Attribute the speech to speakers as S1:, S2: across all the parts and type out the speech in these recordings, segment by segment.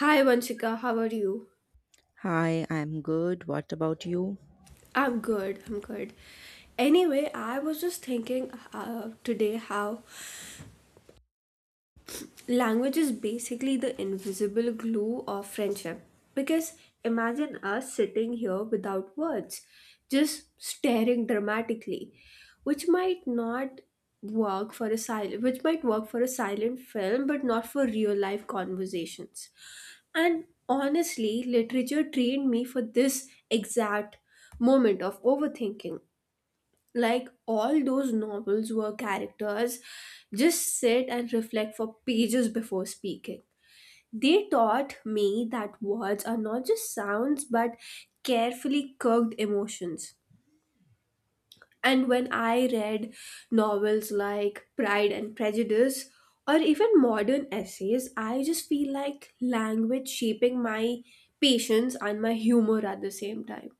S1: Hi Vanshika, how are you?
S2: Hi, I'm good. What about you?
S1: I'm good, I'm good. Anyway, I was just thinking today how language is basically the invisible glue of friendship. Because imagine us sitting here without words, just staring dramatically, which might not work for a silent, which might work for a silent film, but not for real life conversations. And honestly, literature trained me for this exact moment of overthinking. Like all those novels where characters just sit and reflect for pages before speaking. They taught me that words are not just sounds but carefully cooked emotions. And when I read novels like Pride and Prejudice or even modern essays, I just feel like language shaping my patience and my humor at the same time.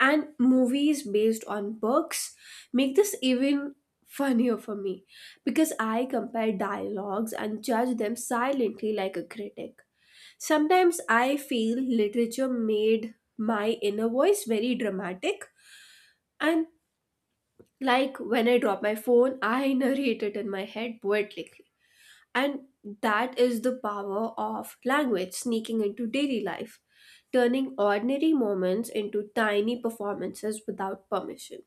S1: And movies based on books make this even funnier for me because I compare dialogues and judge them silently like a critic. Sometimes I feel literature made my inner voice very dramatic, and like when I drop my phone, I narrate it in my head poetically. And that is the power of language sneaking into daily life, turning ordinary moments into tiny performances without permission.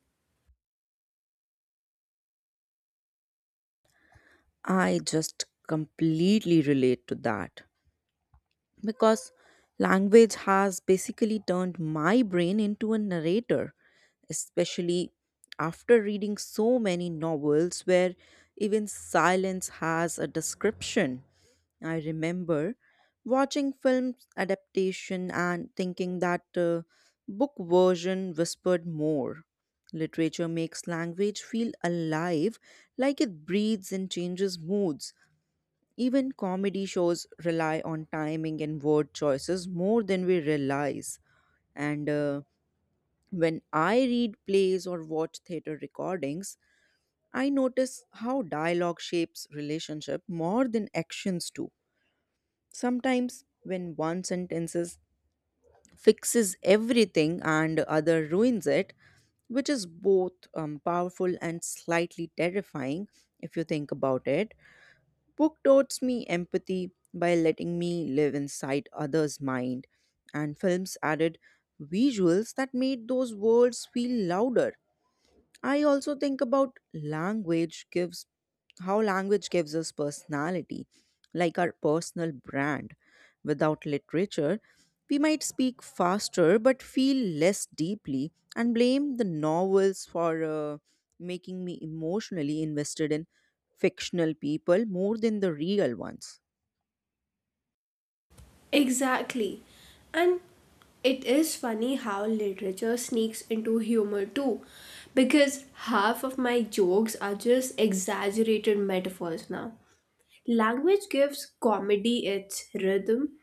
S2: I just completely relate to that because language has basically turned my brain into a narrator, especially after reading so many novels where even silence has a description. I remember watching films adaptation and thinking that book version whispered more. Literature makes language feel alive, like it breathes and changes moods. Even comedy shows rely on timing and word choices more than we realize. And when I read plays or watch theater recordings, I notice how dialogue shapes relationship more than actions do. Sometimes, when fixes everything and other ruins it, which is both powerful and slightly terrifying if you think about it. Book taught me empathy by letting me live inside others' mind, and films added visuals that made those words feel louder. I also think about language gives how language gives us personality, like our personal brand. Without literature, we might speak faster but feel less deeply and blame the novels for making me emotionally invested in fictional people more than the real ones.
S1: Exactly. And it is funny how literature sneaks into humor too, because half of my jokes are just exaggerated metaphors now. Language gives comedy its rhythm,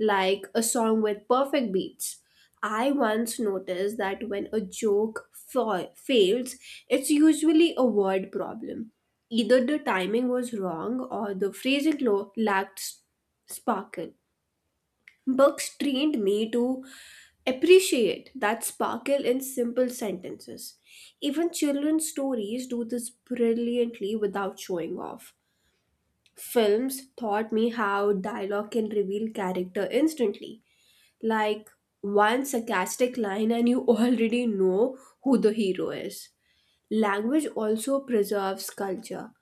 S1: like a song with perfect beats. I once noticed that when a joke fails, it's usually a word problem. Either the timing was wrong or the phrasing lacked sparkle. Books trained me to appreciate that sparkle in simple sentences. Even children's stories do this brilliantly without showing off. Films taught me how dialogue can reveal character instantly, like one sarcastic line and you already know who the hero is. Language also preserves culture,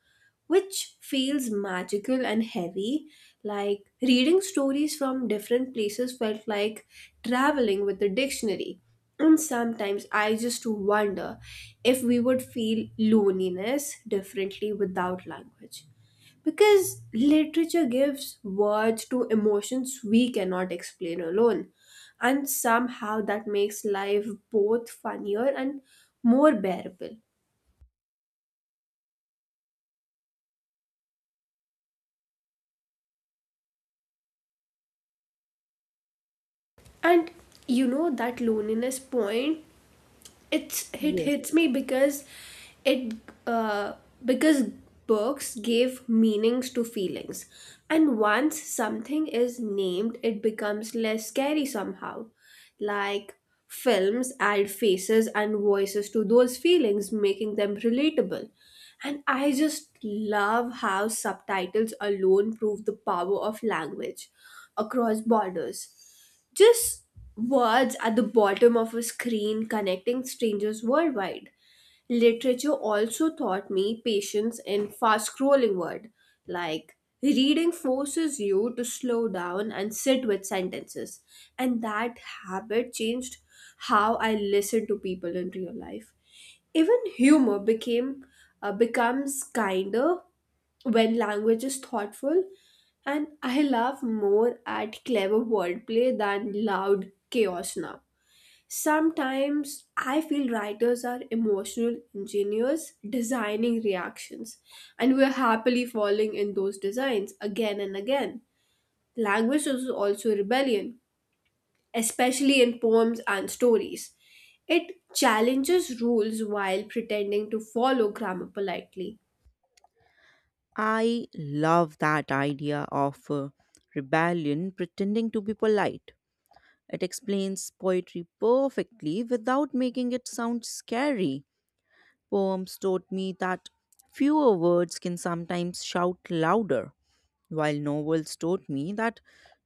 S1: which feels magical and heavy. Like reading stories from different places felt like traveling with a dictionary. And sometimes I just wonder if we would feel loneliness differently without language. Because literature gives words to emotions we cannot explain alone. And somehow that makes life both funnier and more bearable. And you know, that loneliness point, it
S2: Yes.
S1: hits me it uh, because books gave meanings to feelings, and once something is named it becomes less scary somehow. Like films add faces and voices to those feelings, making them relatable, and I just love how subtitles alone prove the power of language across borders, just words at the bottom of a screen connecting strangers worldwide. Literature also taught me patience in fast scrolling word, like reading forces you to slow down and sit with sentences. And that habit changed how I listen to people in real life. Even humor became becomes kinder when language is thoughtful, and I laugh more at clever wordplay than loud chaos now. Sometimes I feel writers are emotional engineers designing reactions, and we're happily falling in those designs again and again. Language is also rebellion, especially in poems and stories. It challenges rules while pretending to follow grammar politely.
S2: I love that idea of rebellion pretending to be polite. It explains poetry perfectly without making it sound scary. Poems taught me that fewer words can sometimes shout louder, while novels taught me that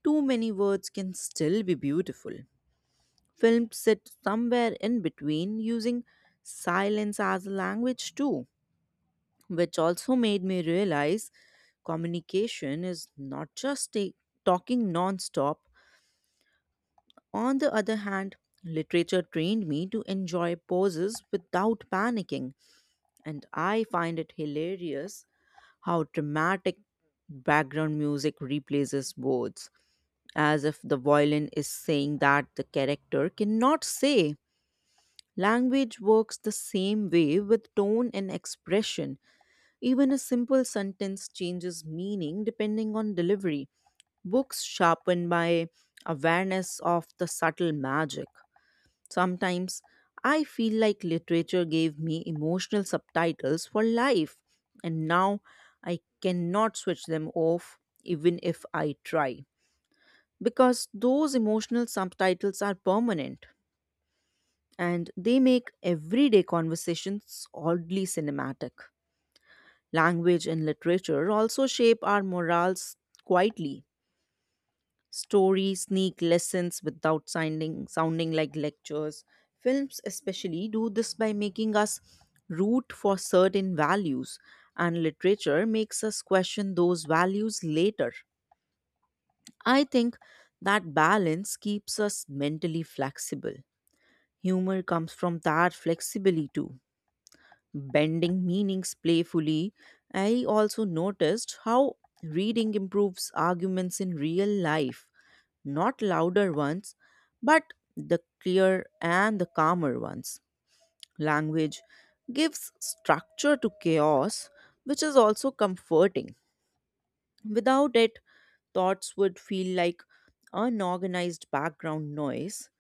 S2: too many words can still be beautiful. Film sits somewhere in between, using silence as a language too, which also made me realize communication is not just talking non stop. On the other hand, literature trained me to enjoy pauses without panicking, and I find it hilarious how dramatic background music replaces words, as if the violin is saying that the character cannot say. Language works the same way with tone and expression. Even a simple sentence changes meaning depending on delivery. Books sharpen my awareness of the subtle magic. Sometimes I feel like literature gave me emotional subtitles for life, and now I cannot switch them off even if I try, because those emotional subtitles are permanent and they make everyday conversations oddly cinematic. Language and literature also shape our morals quietly. Stories sneak lessons without sounding like lectures. Films, especially, do this by making us root for certain values, and literature makes us question those values later. I think that balance keeps us mentally flexible. Humor comes from that flexibility too, bending meanings playfully. I also noticed how reading improves arguments in real life, not louder ones, but the clear and the calmer ones. Language gives structure to chaos, which is also comforting. Without it, thoughts would feel like unorganized background noise.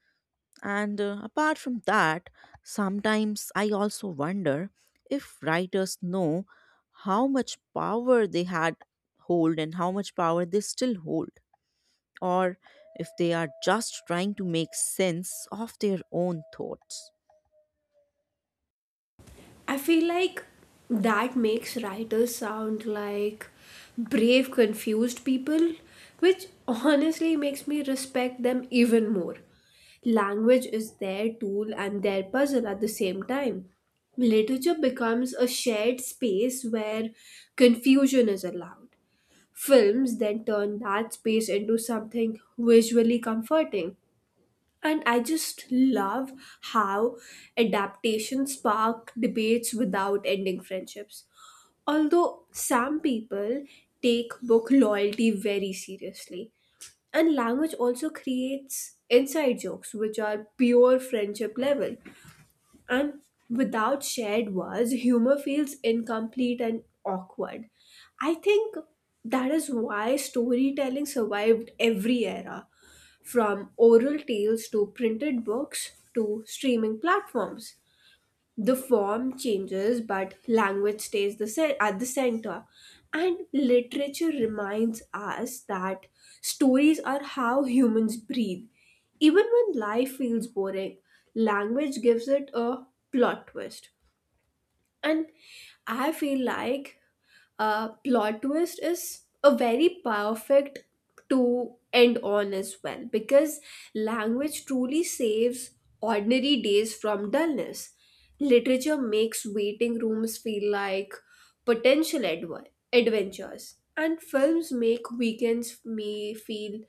S2: And apart from that, sometimes I also wonder if writers know how much power they had hold and how much power they still hold, or if they are just trying to make sense of their own thoughts.
S1: I feel like that makes writers sound like brave, confused people, which honestly makes me respect them even more. Language is their tool and their puzzle at the same time. Literature becomes a shared space where confusion is allowed. Films then turn that space into something visually comforting. And I just love how adaptations spark debates without ending friendships. Although some people take book loyalty very seriously. And language also creates inside jokes, which are pure friendship level. And without shared words, humor feels incomplete and awkward. I think that is why storytelling survived every era, from oral tales to printed books to streaming platforms. The form changes but language stays at the center, and literature reminds us that stories are how humans breathe. Even when life feels boring, language gives it a plot twist. And I feel like plot twist is a very perfect to end on as well, because language truly saves ordinary days from dullness. Literature makes waiting rooms feel like potential adventures, and films make weekends me feel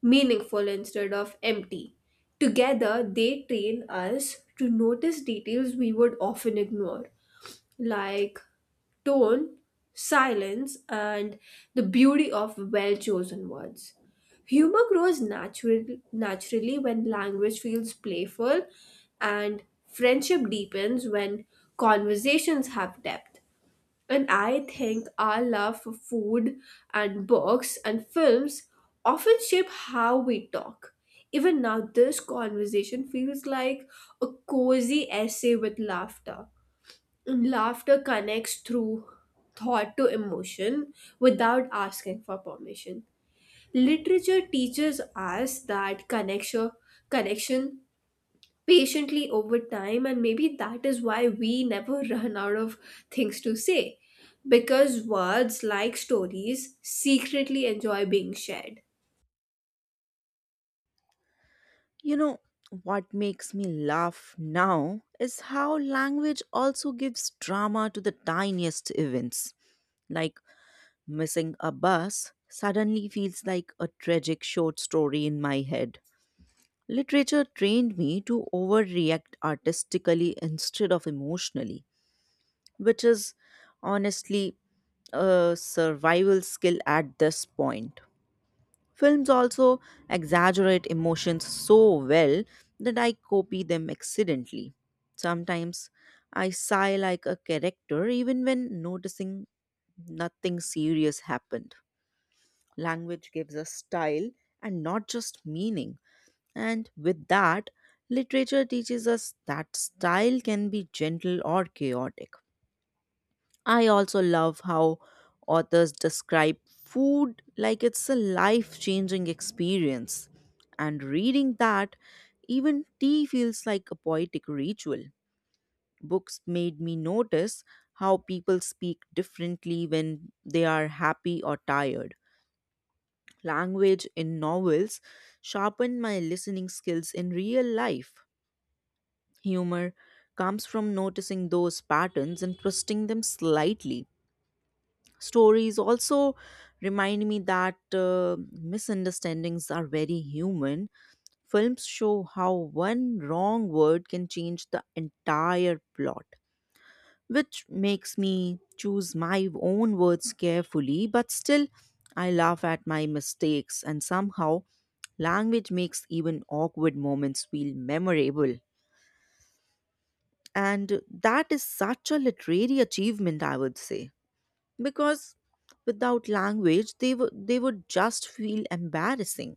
S1: meaningful instead of empty. Together, they train us to notice details we would often ignore, like tone, silence, and the beauty of well chosen words. Humor grows naturally when language feels playful, and friendship deepens when conversations have depth. And I think our love for food and books and films often shape how we talk. Even now, this conversation feels like a cozy essay with laughter. Laughter connects through thought to emotion without asking for permission. Literature teaches us that connection patiently over time, and maybe that is why we never run out of things to say. Because words, like stories, secretly enjoy being shared.
S2: You know, what makes me laugh now is how language also gives drama to the tiniest events. Like missing a bus suddenly feels like a tragic short story in my head. Literature trained me to overreact artistically instead of emotionally, which is honestly a survival skill at this point. Films also exaggerate emotions so well that I copy them accidentally. Sometimes I sigh like a character even when noticing nothing serious happened. Language gives us style and not just meaning. And with that, literature teaches us that style can be gentle or chaotic. I also love how authors describe food like it's a life changing experience. And reading that, even tea feels like a poetic ritual. Books made me notice how people speak differently when they are happy or tired. Language in novels sharpened my listening skills in real life. Humor comes from noticing those patterns and twisting them slightly. Stories also remind me that misunderstandings are very human. Films show how one wrong word can change the entire plot, which makes me choose my own words carefully, but still, I laugh at my mistakes, and somehow, language makes even awkward moments feel memorable. And that is such a literary achievement, I would say, because without language, they would just feel embarrassing.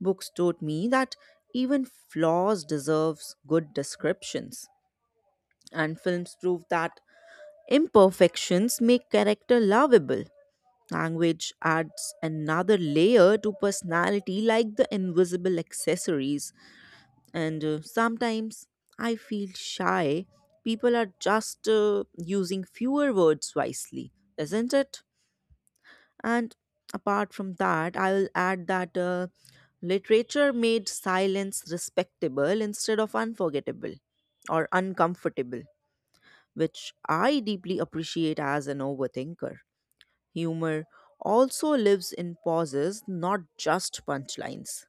S2: Books taught me that even flaws deserves good descriptions, and films prove that imperfections make character lovable. Language adds another layer to personality like the invisible accessories. And sometimes I feel shy. People are just using fewer words wisely, isn't it? And apart from that, I'll add that literature made silence respectable instead of unforgettable or uncomfortable, which I deeply appreciate as an overthinker. Humor also lives in pauses, not just punchlines.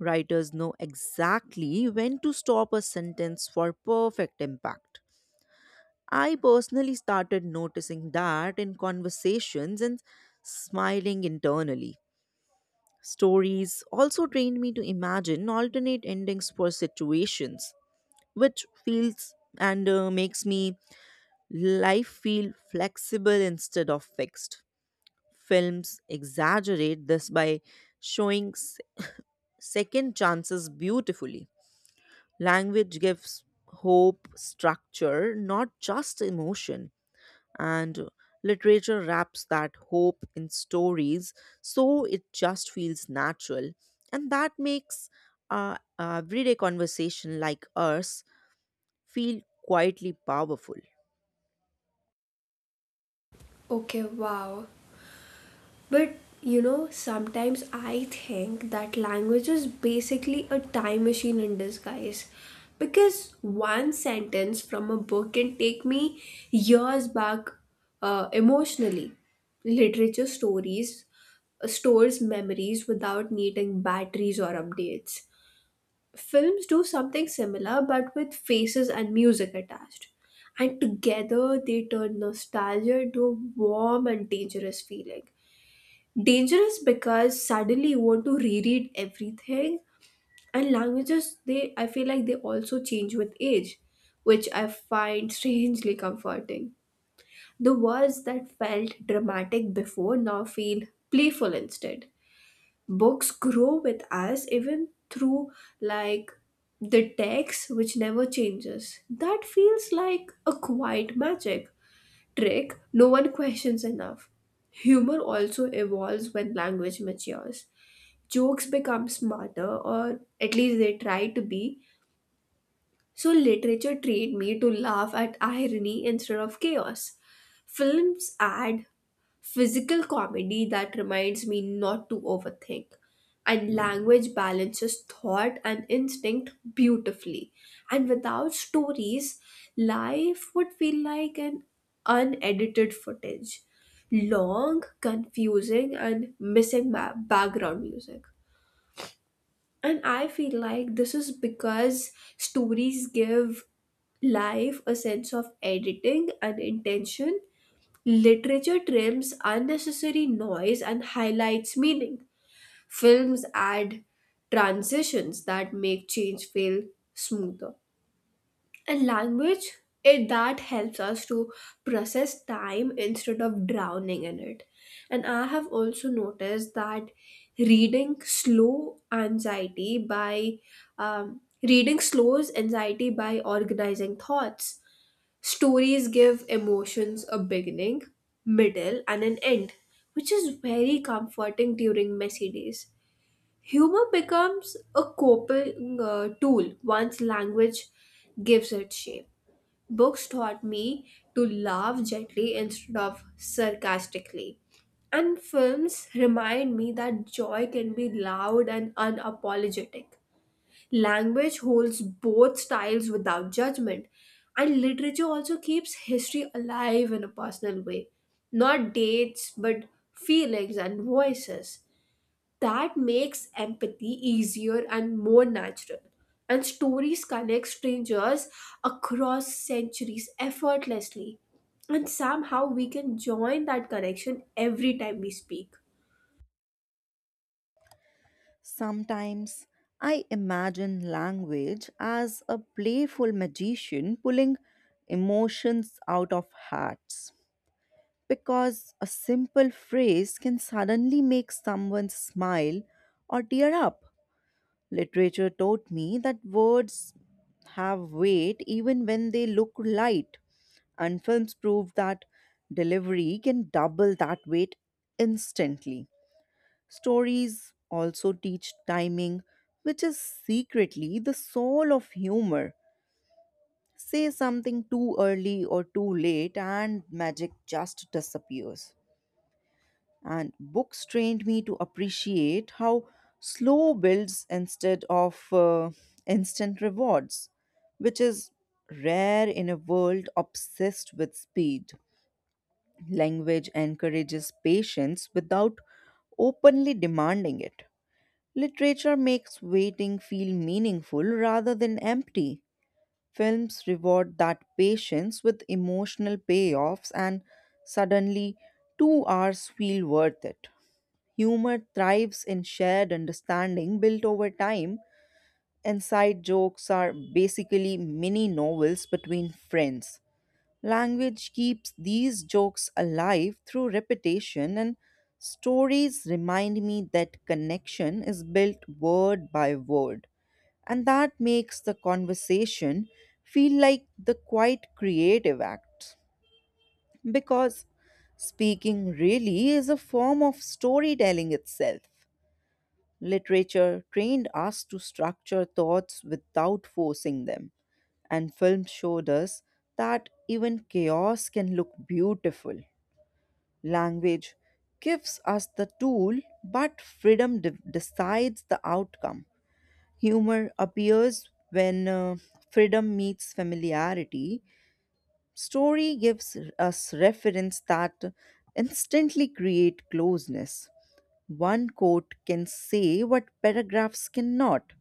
S2: Writers know exactly when to stop a sentence for perfect impact. I personally started noticing that in conversations and smiling internally. Stories also trained me to imagine alternate endings for situations, which feels and makes me life feel flexible instead of fixed. Films exaggerate this by showing s- second chances beautifully. Language gives hope structure, not just emotion, and literature wraps that hope in stories so it just feels natural. And that makes everyday conversation like ours feel quietly powerful.
S1: Okay, wow. But you know, sometimes I think that language is basically a time machine in disguise. Because one sentence from a book can take me years back, emotionally. Literature stories stores memories without needing batteries or updates. Films do something similar but with faces and music attached. And together they turn nostalgia into a warm and dangerous feeling, dangerous because suddenly you want to reread everything. And languages, they, I feel like they also change with age, which I find strangely comforting. The words that felt dramatic before now feel playful instead. Books grow with us even through, like, the text which never changes. That feels like a quiet magic trick no one questions enough. Humor also evolves when language matures. Jokes become smarter, or at least they try to be. So, literature trained me to laugh at irony instead of chaos. Films add physical comedy that reminds me not to overthink. And language balances thought and instinct beautifully. And without stories, life would feel like an unedited footage, long, confusing, and missing background music. And I feel like this is because stories give life a sense of editing and intention. Literature trims unnecessary noise and highlights meaning. Films add transitions that make change feel smoother, a language it that helps us to process time instead of drowning in it. And I have also noticed that reading slow anxiety by um, reading slows anxiety by organizing thoughts. Stories give emotions a beginning, middle, and an end, which is very comforting during messy days. Humor becomes a coping tool once language gives it shape. Books taught me to laugh gently instead of sarcastically. And films remind me that joy can be loud and unapologetic. Language holds both styles without judgment. And literature also keeps history alive in a personal way. Not dates, but feelings and voices, that makes empathy easier and more natural. And stories connect strangers across centuries effortlessly. And somehow we can join that connection every time we speak.
S2: Sometimes I imagine language as a playful magician pulling emotions out of hearts, because a simple phrase can suddenly make someone smile or tear up. Literature taught me that words have weight even when they look light, and films prove that delivery can double that weight instantly. Stories also teach timing, which is secretly the soul of humor. Say something too early or too late, and magic just disappears. And books trained me to appreciate how slow builds instead of instant rewards, which is rare in a world obsessed with speed. Language encourages patience without openly demanding it. Literature makes waiting feel meaningful rather than empty. Films reward that patience with emotional payoffs, and suddenly 2 hours feel worth it. Humor thrives in shared understanding built over time, and side jokes are basically mini novels between friends. Language keeps these jokes alive through repetition, and stories remind me that connection is built word by word. And that makes the conversation feel like the quite creative act. Because speaking really is a form of storytelling itself. Literature trained us to structure thoughts without forcing them, and film showed us that even chaos can look beautiful. Language gives us the tool, but decides the outcome. Humor appears when freedom meets familiarity. Story gives us reference that instantly create closeness. One quote can say what paragraphs cannot.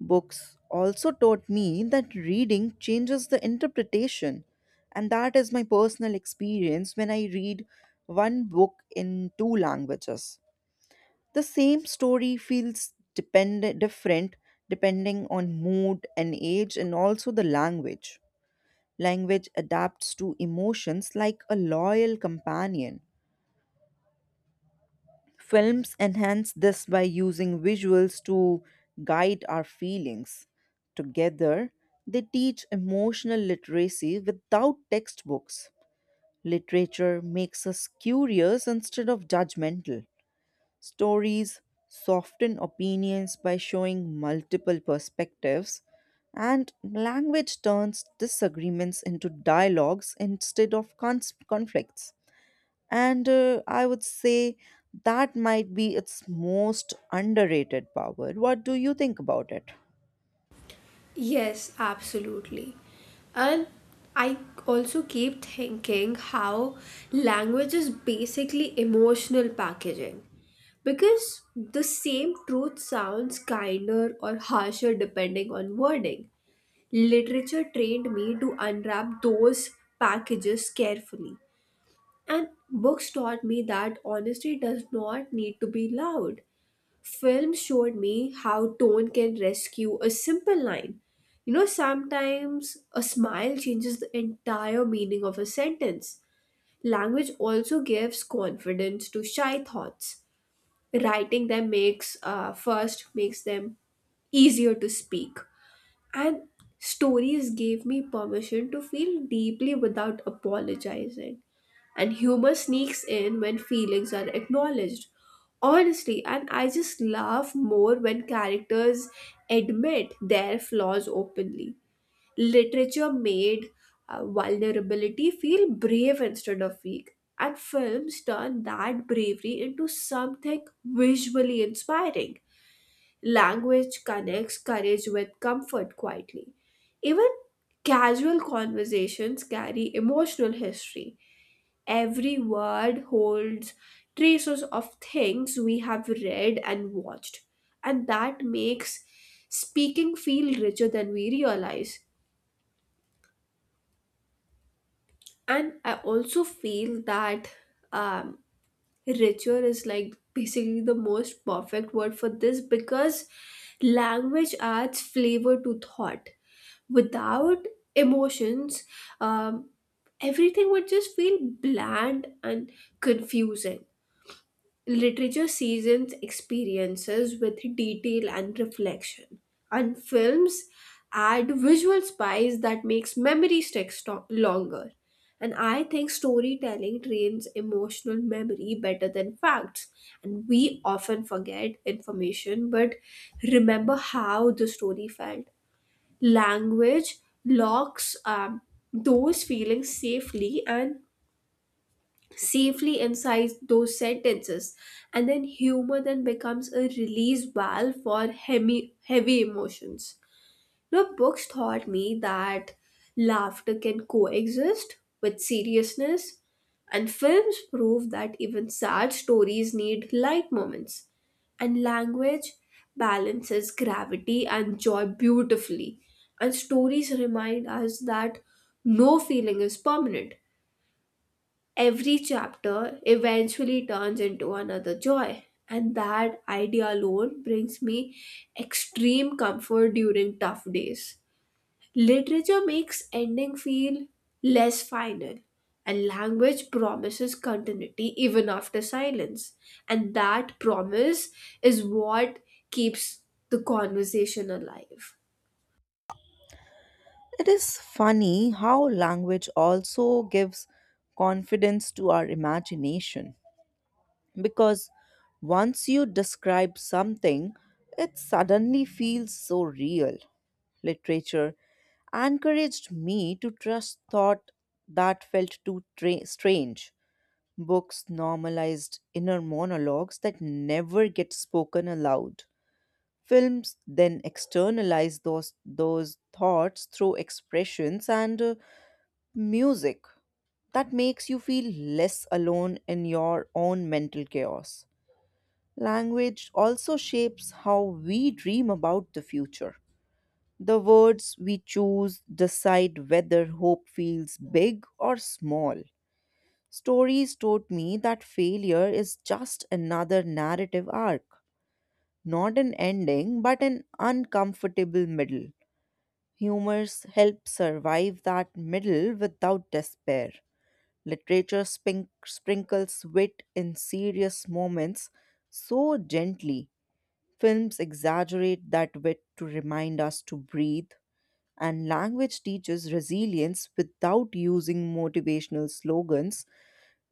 S2: Books also taught me that reading changes the interpretation, and that is my personal experience when I read one book in two languages. The same story different depending on mood and age, and also the language. Language adapts to emotions like a loyal companion. Films enhance this by using visuals to guide our feelings. Together, they teach emotional literacy without textbooks. Literature makes us curious instead of judgmental. Stories soften opinions by showing multiple perspectives, and language turns disagreements into dialogues instead of conflicts. And I would say that might be its most underrated power. What do you think about it?
S1: Yes, absolutely. And I also keep thinking how language is basically emotional packaging, because the same truth sounds kinder or harsher depending on wording. Literature trained me to unwrap those packages carefully. And books taught me that honesty does not need to be loud. Films showed me how tone can rescue a simple line. You know, sometimes a smile changes the entire meaning of a sentence. Language also gives confidence to shy thoughts. Writing them makes first makes them easier to speak. And stories gave me permission to feel deeply without apologizing. And humor sneaks in when feelings are acknowledged honestly, and I just laugh more when characters admit their flaws openly. Literature made vulnerability feel brave instead of weak, and films turn that bravery into something visually inspiring. Language connects courage with comfort quietly. Even casual conversations carry emotional history. Every word holds traces of things we have read and watched, and that makes speaking feel richer than we realize. And I also feel that um, ritual is like basically the most perfect word for this, because language adds flavor to thought. Without emotions, um, everything would just feel bland and confusing. Literature seasons experiences with detail and reflection, and films add visual spice that makes memory stick longer. And I think storytelling trains emotional memory better than facts. And we often forget information but remember how the story felt. Language locks, those feelings safely, and safely inside those sentences. And then humor then becomes a release valve for heavy, heavy emotions. Now books taught me that laughter can coexist with seriousness, and films prove that even sad stories need light moments. And language balances gravity and joy beautifully. And stories remind us that no feeling is permanent. Every chapter eventually turns into another joy, and that idea alone brings me extreme comfort during tough days. Literature makes ending feel less final, and language promises continuity even after silence. And that promise is what keeps the conversation alive.
S2: It is funny how language also gives confidence to our imagination because once you describe something, it suddenly feels so real. Literature encouraged me to trust thought that felt strange. Books normalized inner monologues that never get spoken aloud. Films then externalize those thoughts through expressions and music. That makes you feel less alone in your own mental chaos. Language also shapes how we dream about the future. The words we choose decide whether hope feels big or small. Stories taught me that failure is just another narrative arc, not an ending, but an uncomfortable middle. Humors help survive that middle without despair. Literature sprinkles wit in serious moments so gently. Films exaggerate that wit to remind us to breathe. And language teaches resilience without using motivational slogans.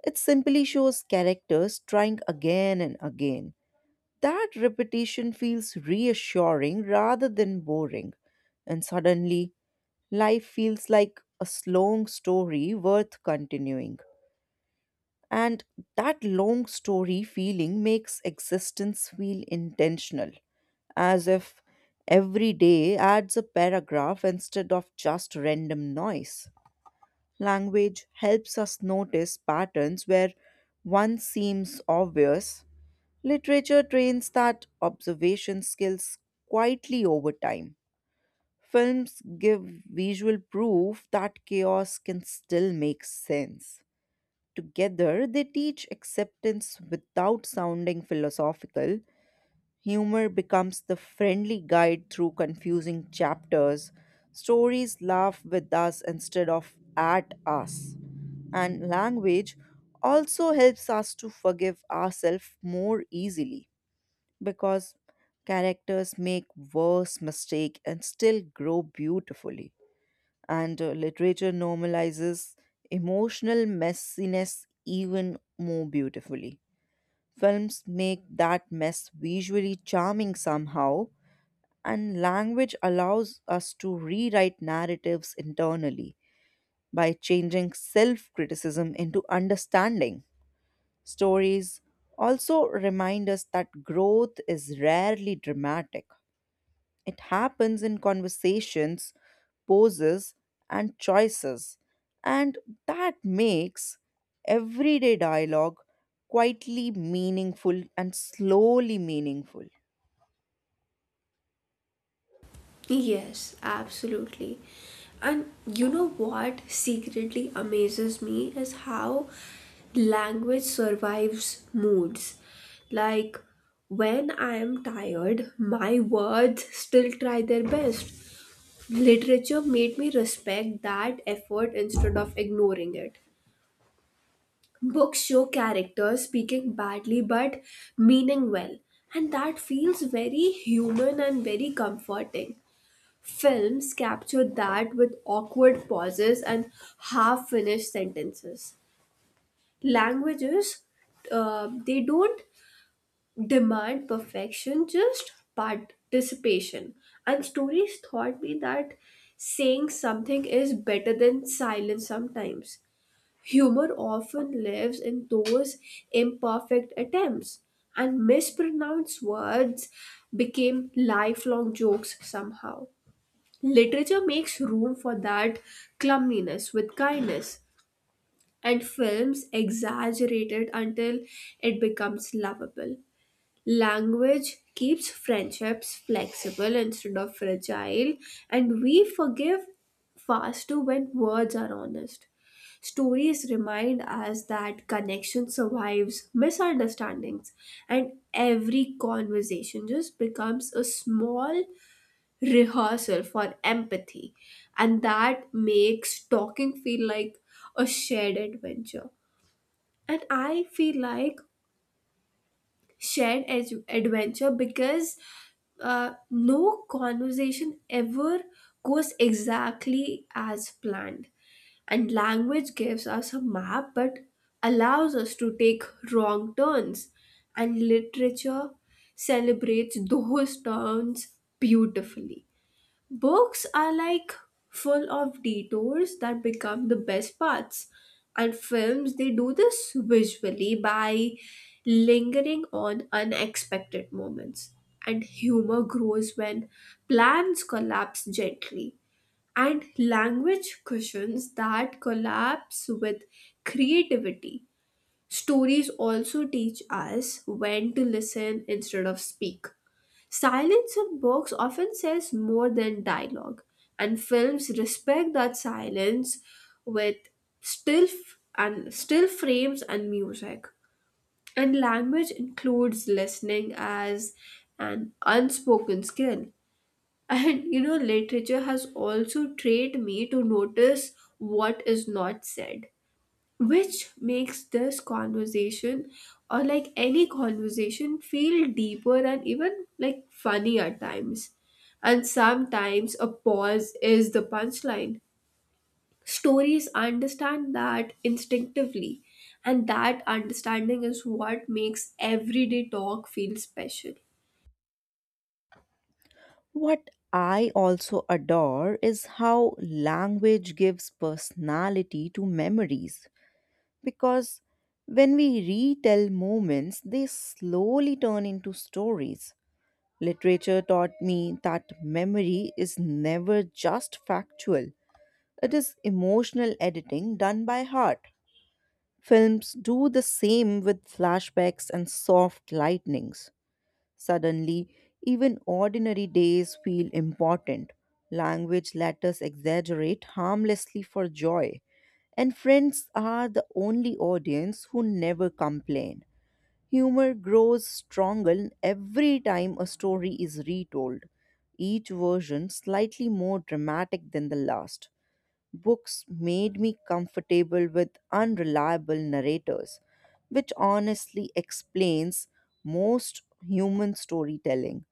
S2: It simply shows characters trying again and again. That repetition feels reassuring rather than boring, and suddenly life feels like a long story worth continuing. And that long story feeling makes existence feel intentional, as if every day adds a paragraph instead of just random noise. Language helps us notice patterns where one seems obvious. Literature trains that observation skills quietly over time. Films give visual proof that chaos can still make sense. Together, they teach acceptance without sounding philosophical. Humor becomes the friendly guide through confusing chapters. Stories laugh with us instead of at us, and language also helps us to forgive ourselves more easily because characters make worse mistake and still grow beautifully. And literature normalizes emotional messiness even more beautifully. Films make that mess visually charming somehow, and language allows us to rewrite narratives internally by changing self criticism into understanding. Stories also remind us that growth is rarely dramatic. It happens in conversations, poses, and choices, and that makes everyday dialogue quietly meaningful and slowly meaningful.
S1: Yes, absolutely. And you know what secretly amazes me is how language survives moods. Like when I am tired, my words still try their best. Literature made me respect that effort instead of ignoring it. Books show characters speaking badly but meaning well, and that feels very human and very comforting. Films capture that with awkward pauses and half finished sentences. Languages, they don't demand perfection, just participation. And stories taught me that saying something is better than silence sometimes. Humor often lives in those imperfect attempts, and mispronounced words became lifelong jokes somehow. Literature makes room for that clumsiness with kindness, and films exaggerate it until it becomes lovable. Language keeps friendships flexible instead of fragile, and we forgive faster when words are honest. Stories remind us that connection survives misunderstandings, and every conversation just becomes a small rehearsal for empathy, and that makes talking feel like a shared adventure. And I feel like shared adventure, because no conversation ever goes exactly as planned. And language gives us a map but allows us to take wrong turns. And literature celebrates those turns beautifully. Books are like full of detours that become the best parts. And films, they do this visually by lingering on unexpected moments. And humor grows when plans collapse gently. And language cushions that collapse with creativity. Stories also teach us when to listen instead of speak. Silence in books often says more than dialogue, and films respect that silence with still frames and music. And language includes listening as an unspoken skill. And you know, literature has also trained me to notice what is not said, which makes this conversation, or like any conversation, feel deeper and even like funny at times. And sometimes a pause is the punchline. Stories understand that instinctively, and that understanding is what makes everyday talk feel special.
S2: What I also adore is how language gives personality to memories because when we retell moments, they slowly turn into stories. Literature taught me that memory is never just factual, it is emotional editing done by heart. Films do the same with flashbacks and soft lightnings. Suddenly, even ordinary days feel important. Language let us exaggerate harmlessly for joy. And friends are the only audience who never complain. Humor grows stronger every time a story is retold, each version slightly more dramatic than the last. Books made me comfortable with unreliable narrators, which honestly explains most human storytelling.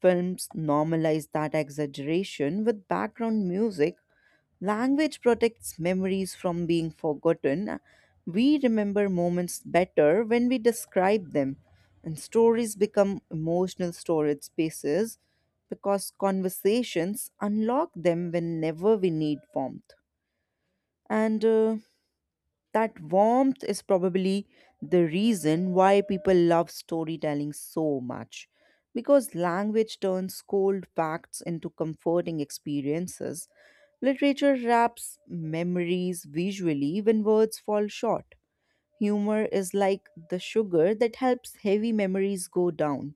S2: Films normalize that exaggeration with background music. Language protects memories from being forgotten. We remember moments better when we describe them, and stories become emotional storage spaces because conversations unlock them whenever we need warmth. And that warmth is probably the reason why people love storytelling so much. Because language turns cold facts into comforting experiences, literature wraps memories visually when words fall short. Humor is like the sugar that helps heavy memories go down,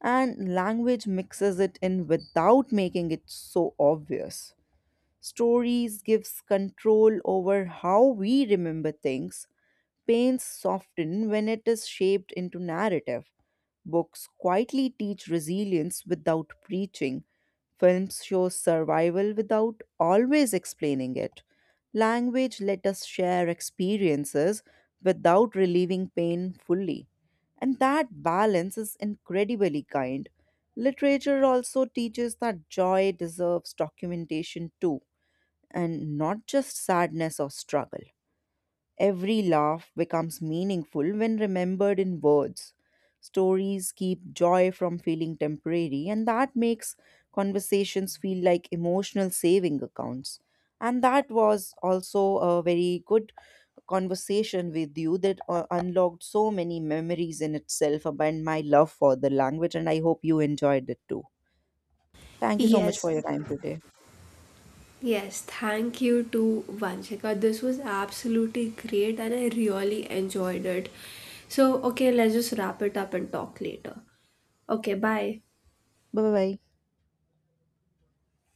S2: and language mixes it in without making it so obvious. Stories gives control over how we remember things. Pains soften when it is shaped into narrative. Books quietly teach resilience without preaching. Films show survival without always explaining it. Language let us share experiences without relieving pain fully. And that balance is incredibly kind. Literature also teaches that joy deserves documentation too, and not just sadness or struggle. Every laugh becomes meaningful when remembered in words. Stories keep joy from feeling temporary, and that makes conversations feel like emotional saving accounts. And that was also a very good conversation with you that unlocked so many memories in itself about my love for the language, and I hope you enjoyed it too. Thank you so much
S1: Yes,
S2: for your time today.
S1: yes, thank you to Vanshika. This was absolutely great and I really enjoyed it. So, okay, let's just wrap it up and talk later. Okay, bye.
S2: Bye bye.